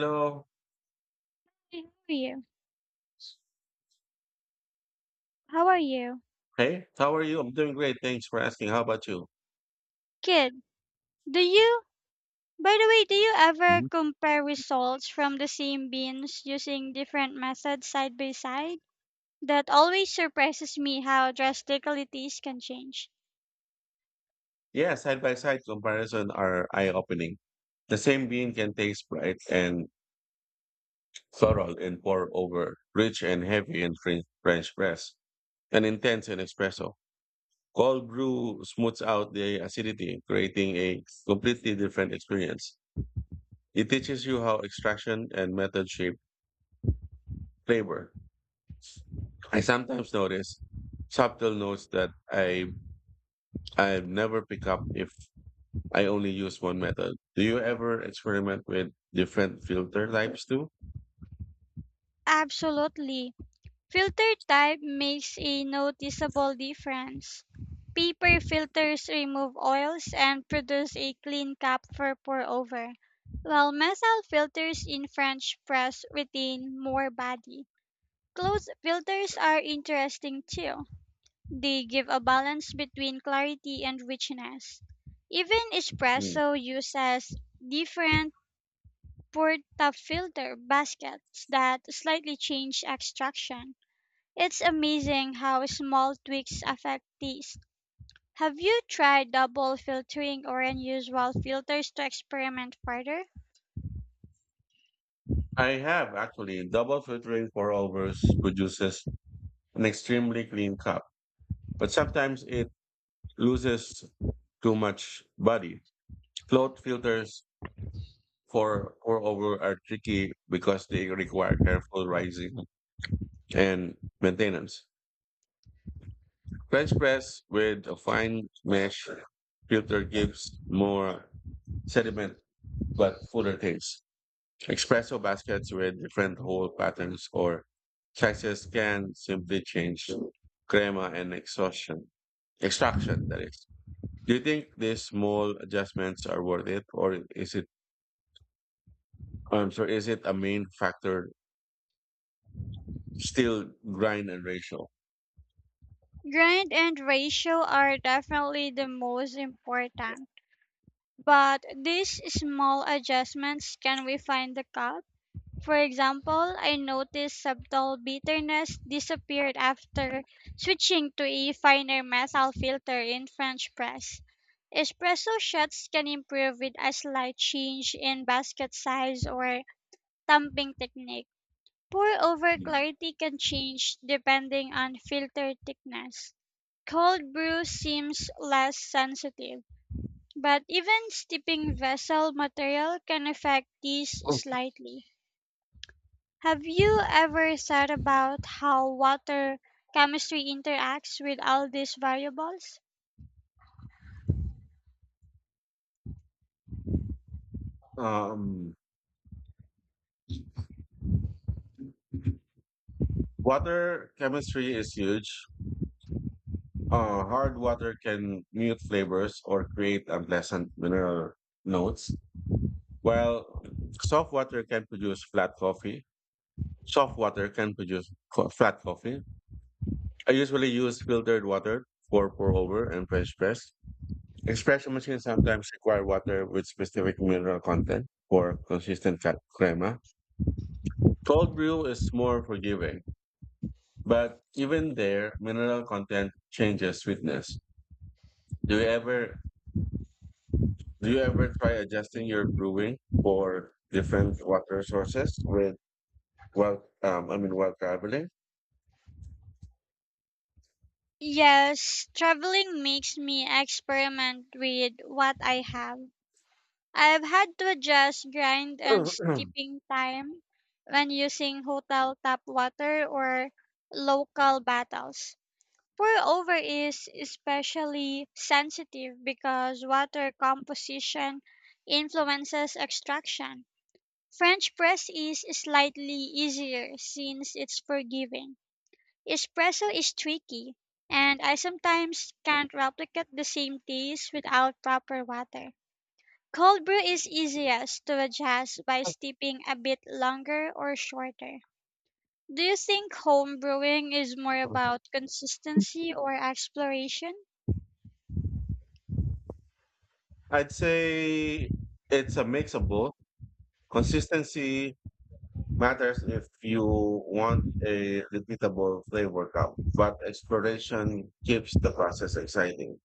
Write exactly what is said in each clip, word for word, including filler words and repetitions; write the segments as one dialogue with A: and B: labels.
A: Hello.
B: Hey, how are you? How are you?
A: Hey, how are you? I'm doing great. Thanks for asking. How about you?
B: Kid, do you, by the way, do you ever
A: Mhm.
B: compare results from the same beans using different methods side by side? That always surprises me how drastically these can change.
A: Yeah, side by side comparison are eye opening. The same bean can taste bright and floral and pour over, rich and heavy in French French press, and intense in espresso. Cold brew smooths out the acidity, creating a completely different experience. It teaches you how extraction and method shape flavor. I sometimes notice subtle notes that I I never pick up if I only use one method. Do you ever experiment with different filter types too?
B: Absolutely. Filter type makes a noticeable difference. Paper filters remove oils and produce a clean cup for pour over, while metal filters in French press retain more body. Clothes filters are interesting too. They give a balance between clarity and richness. Even
A: Mm.
B: espresso uses different portafilter baskets that slightly change extraction. It's amazing how small tweaks affect taste. Have you tried double filtering or unusual filters to experiment further?
A: I have actually. Double filtering for overs produces an extremely clean cup, but sometimes it loses too much body. Float filters for pour over are tricky because they require careful rising and maintenance. French press with a fine mesh filter gives more sediment but fuller taste. Espresso baskets with different hole patterns or sizes can simply change crema and exhaustion, extraction. That is. Do you think these small adjustments are worth it, or is it? I'm sorry, is it a main factor? Still grind and ratio.
B: Grind and ratio are definitely the most important, but these small adjustments can refine the cup. For example, I noticed subtle bitterness disappeared after switching to a finer metal filter in French press. Espresso shots can improve with a slight change in basket size or tamping technique. Pour over clarity can change depending on filter thickness. Cold brew seems less sensitive, but even steeping vessel material can affect these
A: Oh.
B: slightly. Have you ever thought about how water chemistry interacts with all these variables?
A: Um, Water chemistry is huge. Uh, hard water can mute flavors or create unpleasant mineral notes. Well, soft water can produce flat coffee. Soft water can produce co- flat coffee. I usually use filtered water for pour over and French press. Espresso machines sometimes require water with specific mineral content for consistent ca- crema. Cold brew is more forgiving, but even there, mineral content changes sweetness. Do you ever do you ever try adjusting your brewing for different water sources with while um, I mean while traveling?
B: Yes, traveling makes me experiment with what I have. I've had to adjust grind and steeping time when using hotel tap water or local bottles. Pour-over is especially sensitive because water composition influences extraction. French press is slightly easier since it's forgiving. Espresso is tricky, and I sometimes can't replicate the same taste without proper water. Cold brew is easiest to adjust by steeping a bit longer or shorter. Do you think home brewing is more about consistency or exploration?
A: I'd say it's a mix of both. Consistency matters if you want a repeatable flavor count, but exploration keeps the process exciting.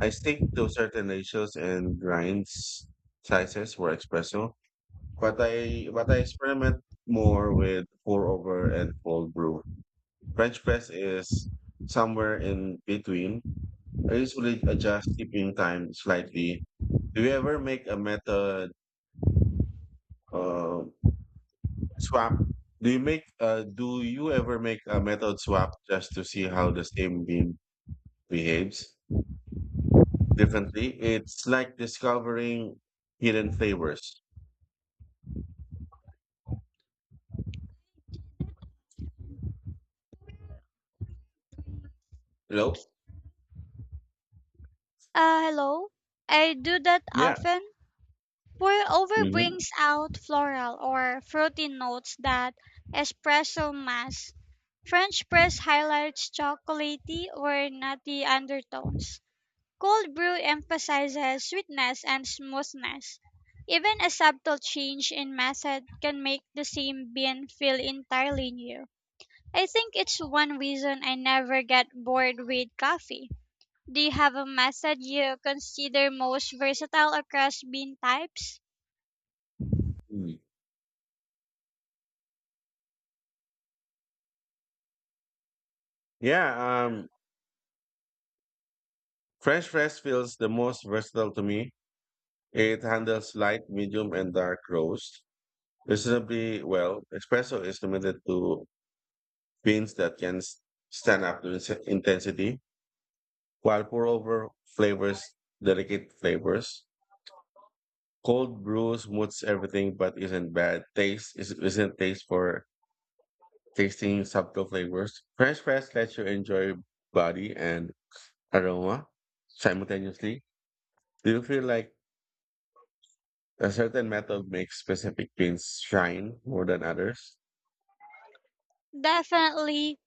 A: I stick to certain ratios and grinds sizes for espresso, but I but I experiment more with pour over and cold brew. French press is somewhere in between, I usually adjust sleeping time slightly. Do you ever make a method uh, swap? Do you make uh, do you ever make a method swap just to see how the same bean behaves differently? It's like discovering hidden flavors. Hello?
B: Uh, hello. I do that
A: Yeah.
B: often. Pour-over
A: Hmm.
B: brings out floral or fruity notes that espresso masks. French press highlights chocolatey or nutty undertones. Cold brew emphasizes sweetness and smoothness. Even a subtle change in method can make the same bean feel entirely new. I think it's one reason I never get bored with coffee. Do you have a method you consider most versatile across bean types?
A: Yeah. Um, French press feels the most versatile to me. It handles light, medium, and dark roast. Reasonably well. Espresso is limited to beans that can s- stand up to inse- intensity, while pour over flavors, delicate flavors. Cold brew smooths everything, but isn't bad. Taste is, isn't taste for tasting subtle flavors. French press lets you enjoy body and aroma simultaneously. Do you feel like a certain method makes specific beans shine more than others?
B: Definitely.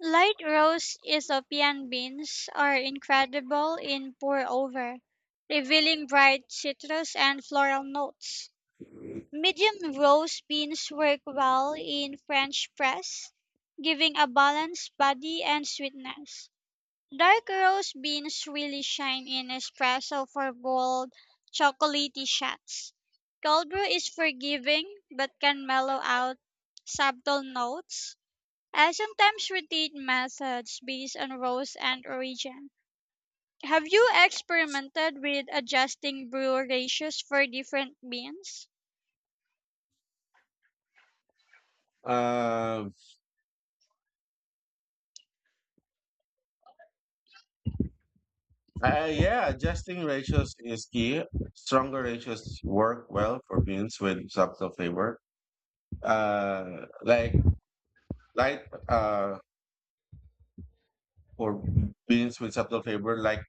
B: Light roast Ethiopian beans are incredible in pour over, revealing bright citrus and floral notes. Medium roast beans work well in French press, giving a balanced body and sweetness. Dark roast beans really shine in espresso for bold, chocolatey shots. Cold brew is forgiving but can mellow out subtle notes. I sometimes rotate methods based on roast and origin. Have you experimented with adjusting brew ratios for different beans?
A: Uh, Uh, yeah, adjusting ratios is key. Stronger ratios work well for beans with subtle flavor. Uh, like light uh, or beans with subtle flavor, like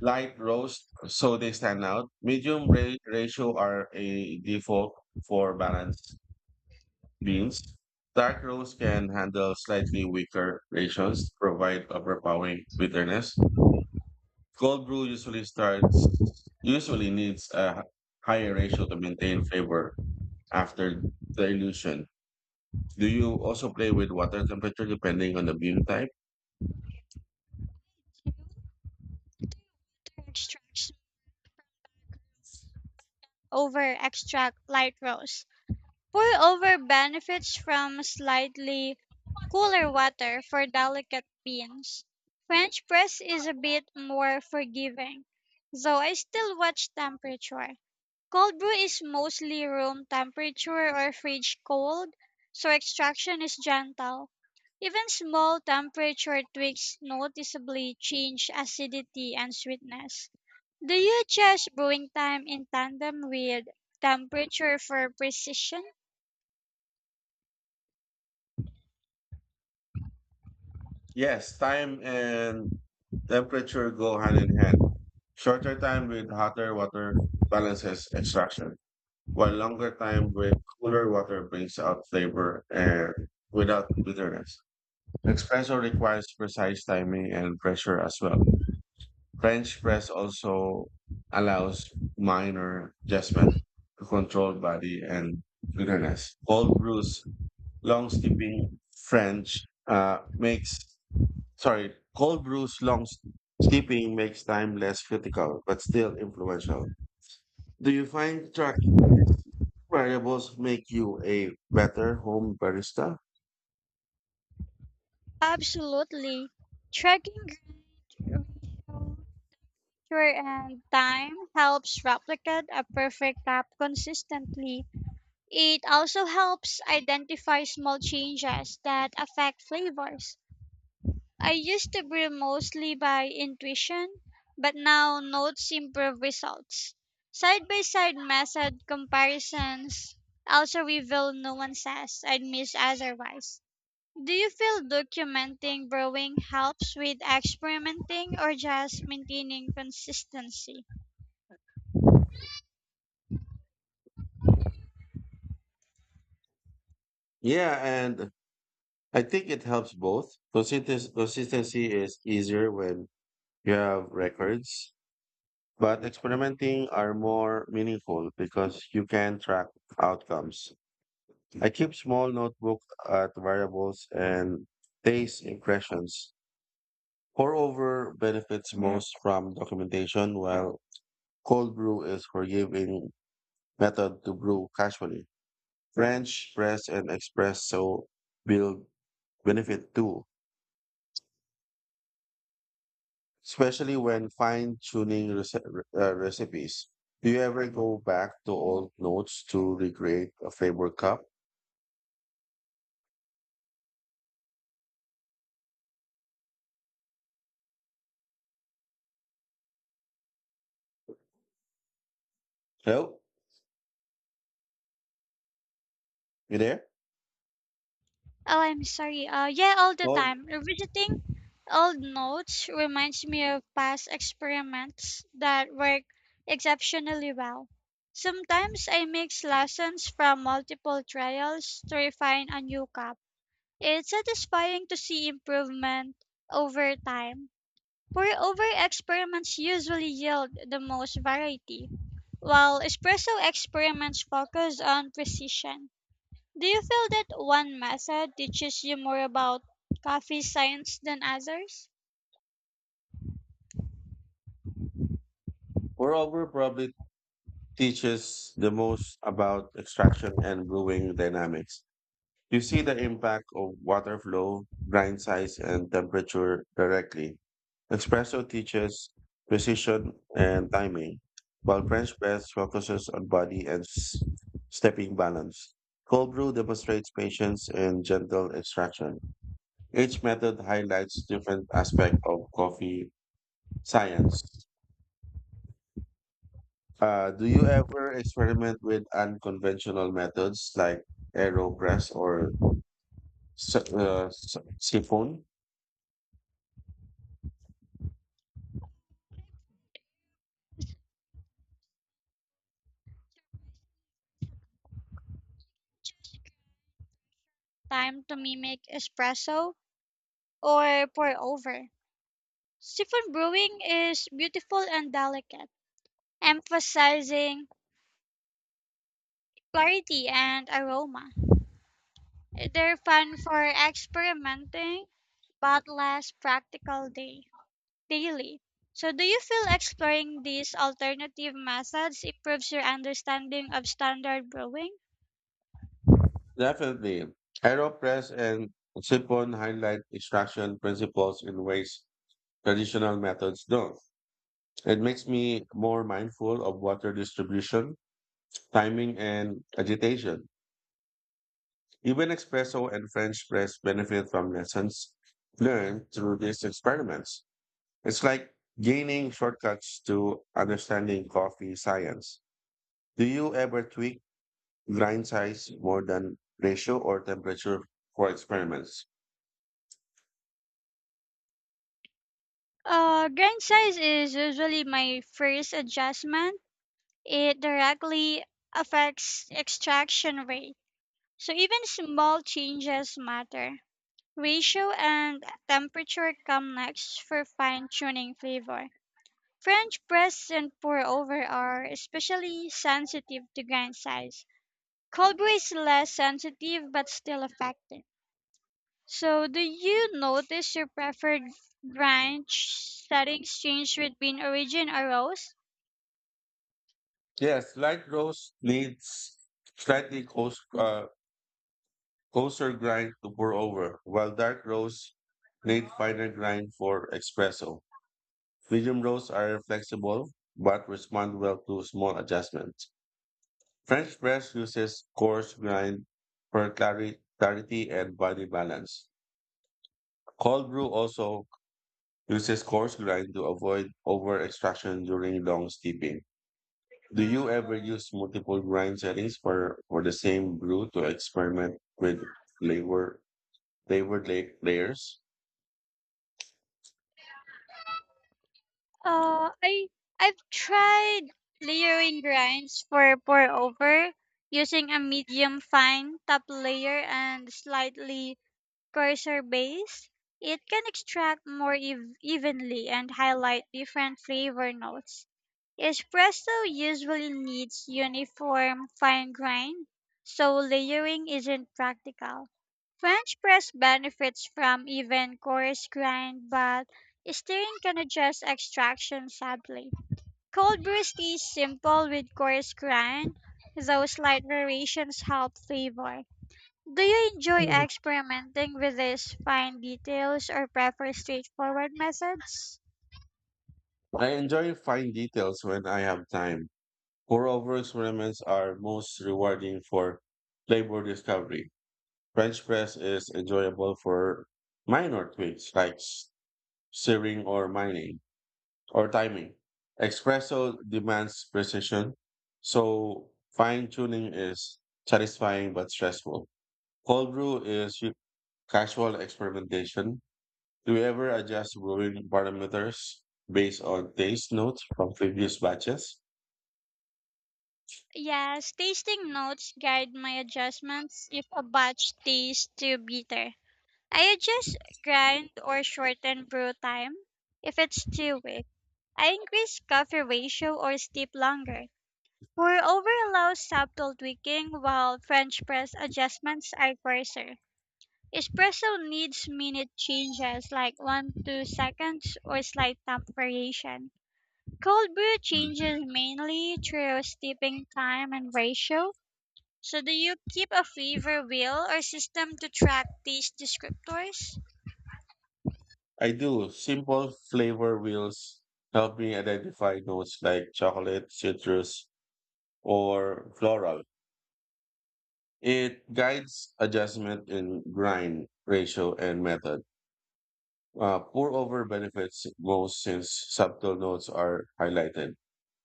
A: light roast, so they stand out. Medium ra- ratio are a default for balanced beans. Dark roast can handle slightly weaker ratios, provide overpowering bitterness. Cold brew usually starts Usually needs a h- higher ratio to maintain flavor after dilution. Do you also play with water temperature depending on the bean type?
B: Extracts over extract light roast. Pour-over benefits from slightly cooler water for delicate beans. French press is a bit more forgiving, though I still watch temperature. Cold brew is mostly room temperature or fridge cold, so extraction is gentle. Even small temperature tweaks noticeably change acidity and sweetness. Do you adjust brewing time in tandem with temperature for precision?
A: Yes, time and temperature go hand in hand. Shorter time with hotter water balances extraction, while longer time with cooler water brings out flavor and without bitterness. Espresso requires precise timing and pressure as well. French press also allows minor adjustment to control body and bitterness. Cold brews, long steeping French uh, makes sorry, Cold brews, long s- steeping makes time less critical but still influential. Do you find tracking these variables make you a better home barista?
B: Absolutely. Tracking grade, ratio, and time helps replicate a perfect lap consistently. It also helps identify small changes that affect flavors. I used to brew mostly by intuition, but now notes improve results. Side by side method comparisons also reveal nuances I'd miss otherwise. Do you feel documenting brewing helps with experimenting or just maintaining consistency?
A: Yeah, and I think it helps both. Consisten- consistency is easier when you have records. But experimenting are more meaningful because you can track outcomes. I keep small notebook at variables and taste impressions. Pour over benefits most from documentation, while cold brew is forgiving method to brew casually. French press and espresso build benefit too, especially when fine tuning rece- uh, recipes. Do you ever go back to old notes to recreate a favorite cup? Hello, you there?
B: Oh, I'm sorry. Uh, yeah, all the
A: Well,
B: time. Revisiting old notes reminds me of past experiments that work exceptionally well. Sometimes I mix lessons from multiple trials to refine a new cup. It's satisfying to see improvement over time. Pour-over experiments usually yield the most variety, while espresso experiments focus on precision. Do you feel that one method teaches you more about coffee science than others?
A: moreover, probably teaches the most about extraction and brewing dynamics. You see the impact of water flow, grind size, and temperature directly. Espresso teaches precision and timing, while French press focuses on body and s- stepping balance. Cold brew demonstrates patience and gentle extraction. Each method highlights different aspect of coffee science. Uh, do you ever experiment with unconventional methods like AeroPress or si- uh, si- siphon?
B: Time to mimic espresso or pour-over. Siphon brewing is beautiful and delicate, emphasizing clarity and aroma. They're fun for experimenting, but less practical day. Daily. So, do you feel exploring these alternative methods improves your understanding of standard brewing?
A: Definitely. AeroPress and siphon highlight extraction principles in ways traditional methods don't. It makes me more mindful of water distribution, timing, and agitation. Even espresso and French press benefit from lessons learned through these experiments. It's like gaining shortcuts to understanding coffee science. Do you ever tweak grind size more than ratio or temperature for experiments?
B: Uh, grain size is usually my first adjustment. It directly affects extraction rate. So, even small changes matter. Ratio and temperature come next for fine tuning flavor. French press and pour over are especially sensitive to grain size. Cobra is less sensitive but still effective. So, do you notice your preferred branch settings change between origin or roast?
A: Yes, light roast needs slightly close, uh, closer grind to pour over, while dark roast need finer grind for espresso. Medium roasts are flexible but respond well to small adjustments. French press uses coarse grind for clari- clarity and body balance. Cold brew also uses coarse grind to avoid over extraction during long steeping. Do you ever use multiple grind settings for, for the same brew to experiment with flavor flavored la- layers?
B: Uh, I I've tried layering grinds for pour over using a medium fine top layer and slightly coarser base. It can extract more ev- evenly and highlight different flavor notes. Espresso usually needs uniform fine grind, so layering isn't practical. French press benefits from even coarse grind, but stirring can adjust extraction subtly. Cold brew stays simple with coarse grind, though slight variations help flavor. Do you enjoy
A: Mhm.
B: experimenting with these fine details or prefer straightforward methods?
A: I enjoy fine details when I have time. Moreover, experiments are most rewarding for flavor discovery. French press is enjoyable for minor tweaks like s- searing or mining or timing. Espresso demands precision, so fine tuning is satisfying but stressful. Cold brew is u- casual experimentation. Do you ever adjust brewing parameters based on taste notes from previous batches?
B: Yes, tasting notes guide my adjustments if a batch tastes too bitter. I adjust grind or shorten brew time if it's too weak. I increase coffee ratio or steep longer. Pour over allows subtle tweaking while French press adjustments are coarser. Espresso needs minute changes like one to two seconds or slight temp variation. Cold brew changes mainly through steeping time and ratio. So do you keep a favor wheel or system to track taste descriptors?
A: I do. Simple flavor wheels help me identify notes like chocolate, citrus, or floral. It guides adjustment in grind ratio and method. Uh, pour over benefits most since subtle notes are highlighted.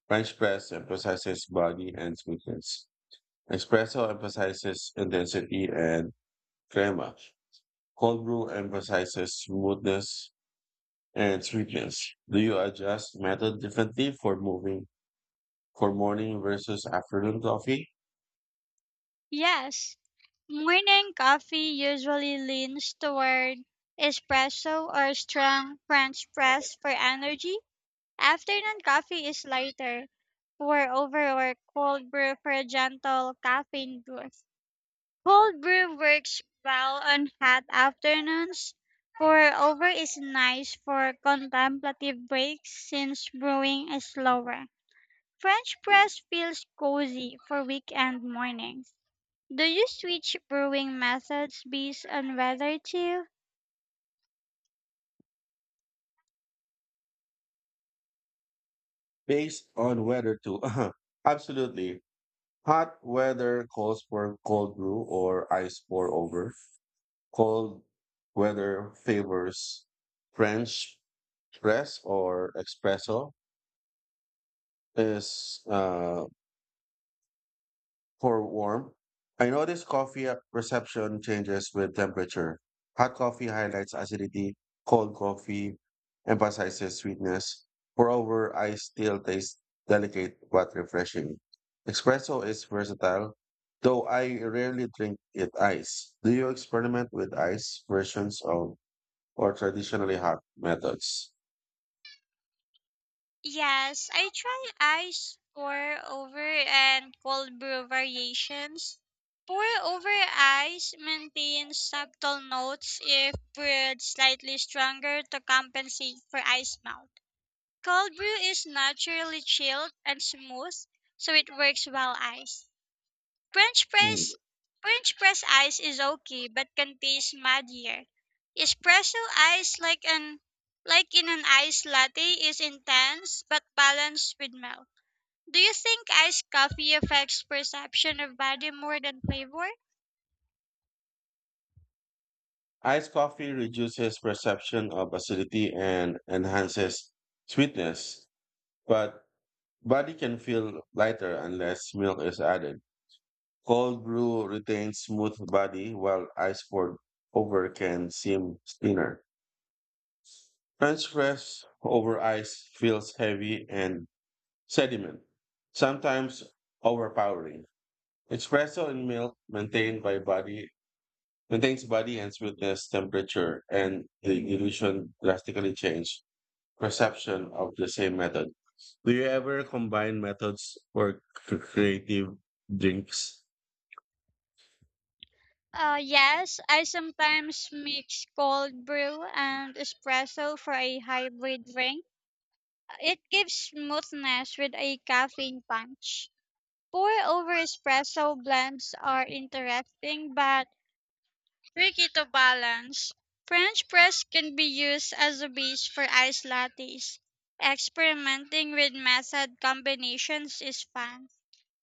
A: French press emphasizes body and sweetness. Espresso emphasizes intensity and crema. Cold brew emphasizes smoothness and sweetness. Do you adjust method differently for moving for morning versus afternoon coffee
B: Yes, morning coffee usually leans toward espresso or strong French press for energy. Afternoon coffee is lighter, pour over or cold brew for a gentle caffeine boost. Cold brew works well on hot afternoons. Pour over is nice for contemplative breaks since brewing is slower. French press feels cozy for weekend mornings. Do you switch brewing methods based on weather too?
A: based on weather too? Absolutely. Hot weather calls for cold brew or ice pour over. Cold weather favors French press or espresso is uh, for warmth, I notice coffee perception changes with temperature. Hot coffee highlights acidity, cold coffee emphasizes sweetness. Moreover, I still taste delicate but refreshing. Espresso is versatile, though I rarely drink it ice. Do you experiment with ice versions of or traditionally hot methods?
B: Yes, I try ice pour over and cold brew variations. Pour over ice maintains subtle notes if brewed slightly stronger to compensate for ice melt. Cold brew is naturally chilled and smooth, so it works well iced. French
A: Mm.
B: press French press ice is okay but can taste muddier. Espresso ice like an like in an iced latte is intense but balanced with milk. Do you think iced coffee affects perception of body more than flavor?
A: Iced coffee reduces perception of acidity and enhances sweetness, but body can feel lighter unless milk is added. Cold brew retains smooth body while ice poured over can seem thinner. French press over ice feels heavy and sediment, sometimes overpowering. Espresso in milk maintained by body maintains body and sweetness, temperature, and the illusion drastically change. Perception of the same method. Do you ever combine methods for c- creative drinks?
B: Uh, yes, I sometimes mix cold brew and espresso for a hybrid drink. It gives smoothness with a caffeine punch. Pour over espresso blends are interesting but tricky to balance. French press can be used as a base for iced lattes. Experimenting with method combinations is fun,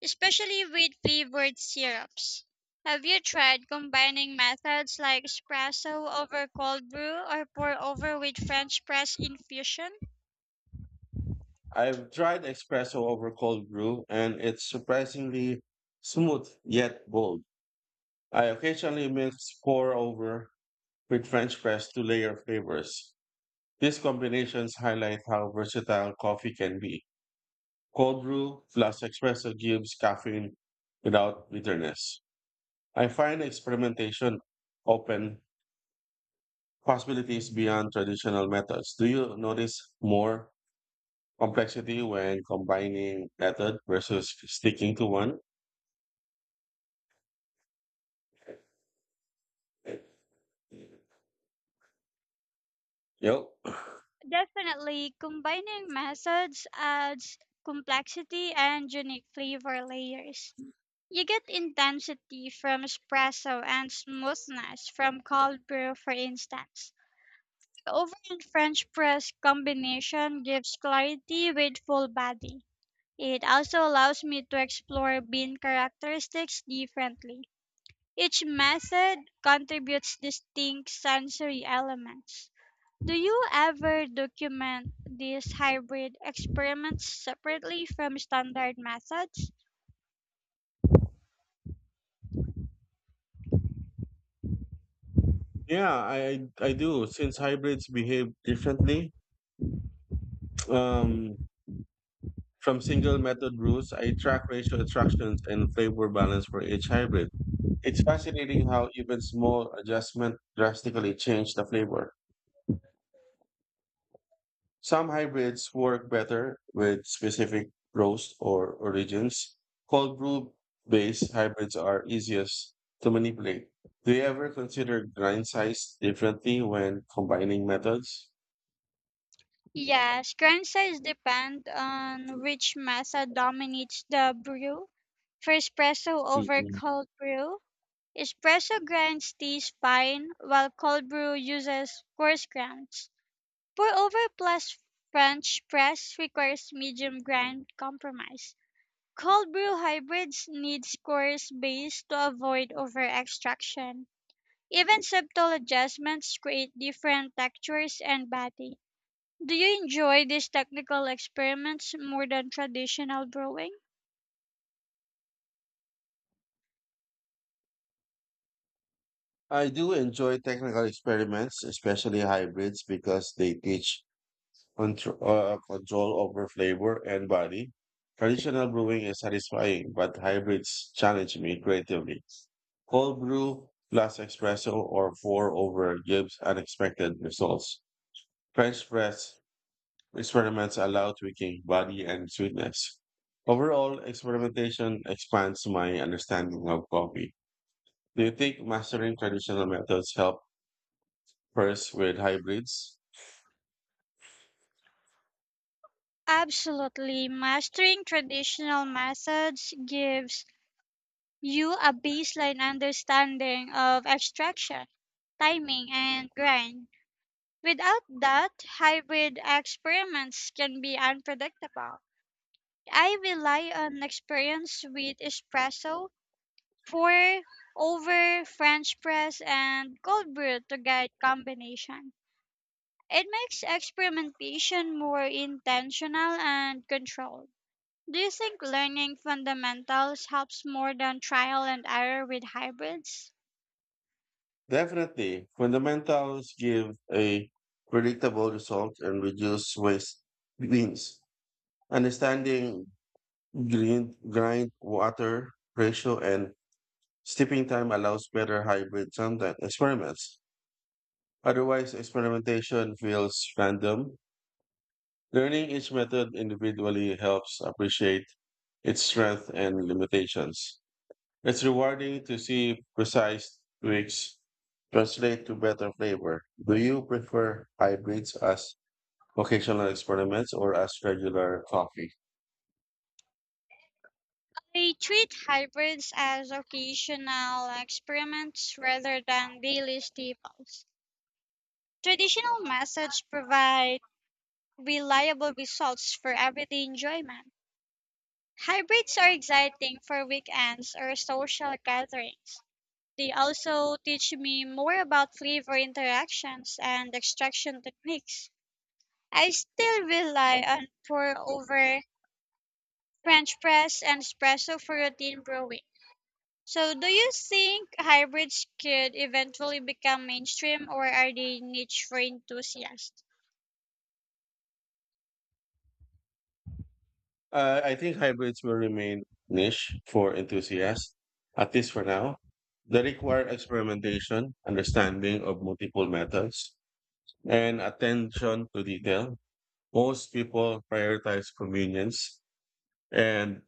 B: especially with flavored syrups. Have you tried combining methods like espresso over cold brew or pour over with French press infusion?
A: I've tried espresso over cold brew and it's surprisingly smooth yet bold. I occasionally mix pour over with French press to layer flavors. These combinations highlight how versatile coffee can be. Cold brew plus espresso gives caffeine without bitterness. I find experimentation open possibilities beyond traditional methods. Do you notice more complexity when combining method versus sticking to one? Yep.
B: Definitely, combining methods adds complexity and unique flavor layers. You get intensity from espresso and smoothness from cold brew, for instance. The oven and French press combination gives clarity with full body. It also allows me to explore bean characteristics differently. Each method contributes distinct sensory elements. Do you ever document these hybrid experiments separately from standard methods?
A: Yeah, I I do. Since hybrids behave differently um, from single method rules, I track ratio attractions and flavor balance for each hybrid. It's fascinating how even small adjustment drastically change the flavor. Some hybrids work better with specific roast or origins. Cold brew based hybrids are easiest to manipulate. Do you ever consider grind size differently when combining methods?
B: Yes, grind size depend on which method dominates the brew. For espresso over
A: Mm-mm.
B: cold brew, espresso grinds teas fine, while cold brew uses coarse grinds. Pour over plus French press requires medium grind compromise. Cold brew hybrids need coarse base to avoid over-extraction. Even subtle adjustments create different textures and body. Do you enjoy these technical experiments more than traditional brewing?
A: I do enjoy technical experiments, especially hybrids, because they teach contro- uh, control over flavor and body. Traditional brewing is satisfying, but hybrids challenge me creatively. Cold brew plus espresso or pour over gives unexpected results. French press experiments allow tweaking body and sweetness. Overall, experimentation expands my understanding of coffee. Do you think mastering traditional methods help first with hybrids?
B: Absolutely. Mastering traditional methods gives you a baseline understanding of extraction, timing, and grind. Without that, hybrid experiments can be unpredictable. I rely on experience with espresso, pour over, French press, and cold brew to get combination. It makes experimentation more intentional and controlled. Do you think learning fundamentals helps more than trial and error with hybrids?
A: Definitely. Fundamentals give a predictable result and reduce waste means understanding grind, grind water ratio and steeping time allows better hybrid content experiments. Otherwise, experimentation feels random. Learning each method individually helps appreciate its strength and limitations. It's rewarding to see precise tweaks translate to better flavor. Do you prefer hybrids as occasional experiments or as regular coffee?
B: I treat hybrids as occasional experiments rather than daily staples. Traditional methods provide reliable results for everyday enjoyment. Hybrids are exciting for weekends or social gatherings. They also teach me more about flavor interactions and extraction techniques. I still rely on pour over, French press, and espresso for routine brewing. So, do you think hybrids could eventually become mainstream or are they niche for enthusiasts?
A: Uh, I think hybrids will remain niche for enthusiasts, at least for now. They require experimentation, understanding of multiple methods, and attention to detail. Most people prioritize convenience and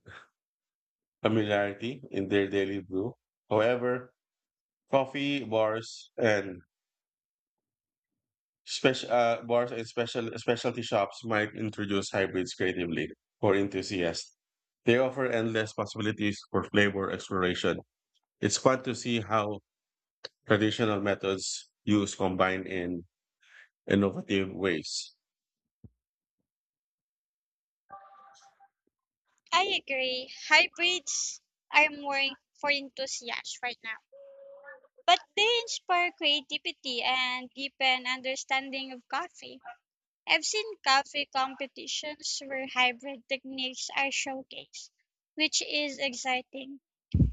A: familiarity in their daily brew. However, coffee bars and special uh, bars and special specialty shops might introduce hybrids creatively for enthusiasts. They offer endless possibilities for flavor exploration. It's fun to see how traditional methods use combined in innovative ways.
B: I agree. Hybrids are more for enthusiasts right now, but they inspire creativity and deepen understanding of coffee. I've seen coffee competitions where hybrid techniques are showcased, which is exciting.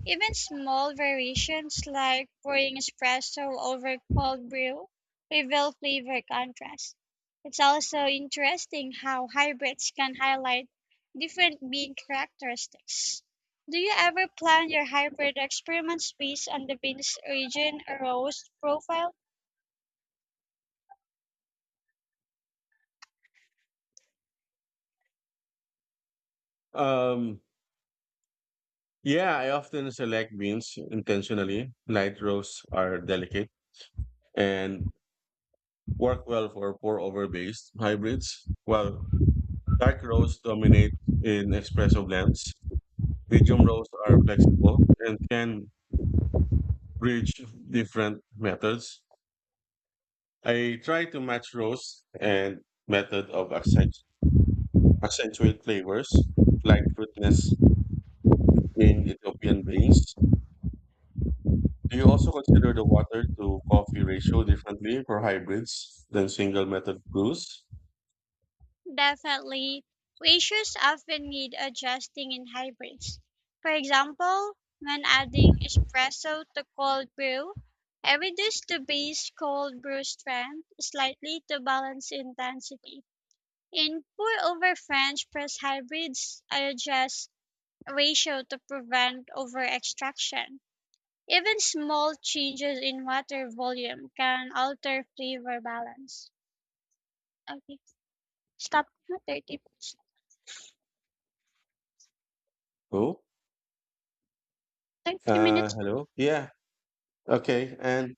B: Even small variations like pouring espresso over cold brew reveal flavor contrast. It's also interesting how hybrids can highlight different bean characteristics. Do you ever plan your hybrid experiments based on the bean's origin or roast profile?
A: Um, yeah, I often select beans intentionally. Light roasts are delicate and work well for pour over based hybrids, while dark roasts dominate in espresso blends. Medium roasts are flexible and can bridge different methods. I try to match roast and method of accent accentuate flavors like fruitiness in Ethiopian beans. Do you also consider the water to coffee ratio differently for hybrids than single method brews?
B: Definitely, ratios often need adjusting in hybrids. For example, when adding espresso to cold brew, I reduce the base cold brew strength slightly to balance intensity. In pour over French press hybrids, I adjust ratio to prevent over extraction. Even small changes in water volume can alter flavor balance. Okay, stop na thirty thirty
A: Oh, uh,
B: minutes
A: hello. Yeah. Okay. And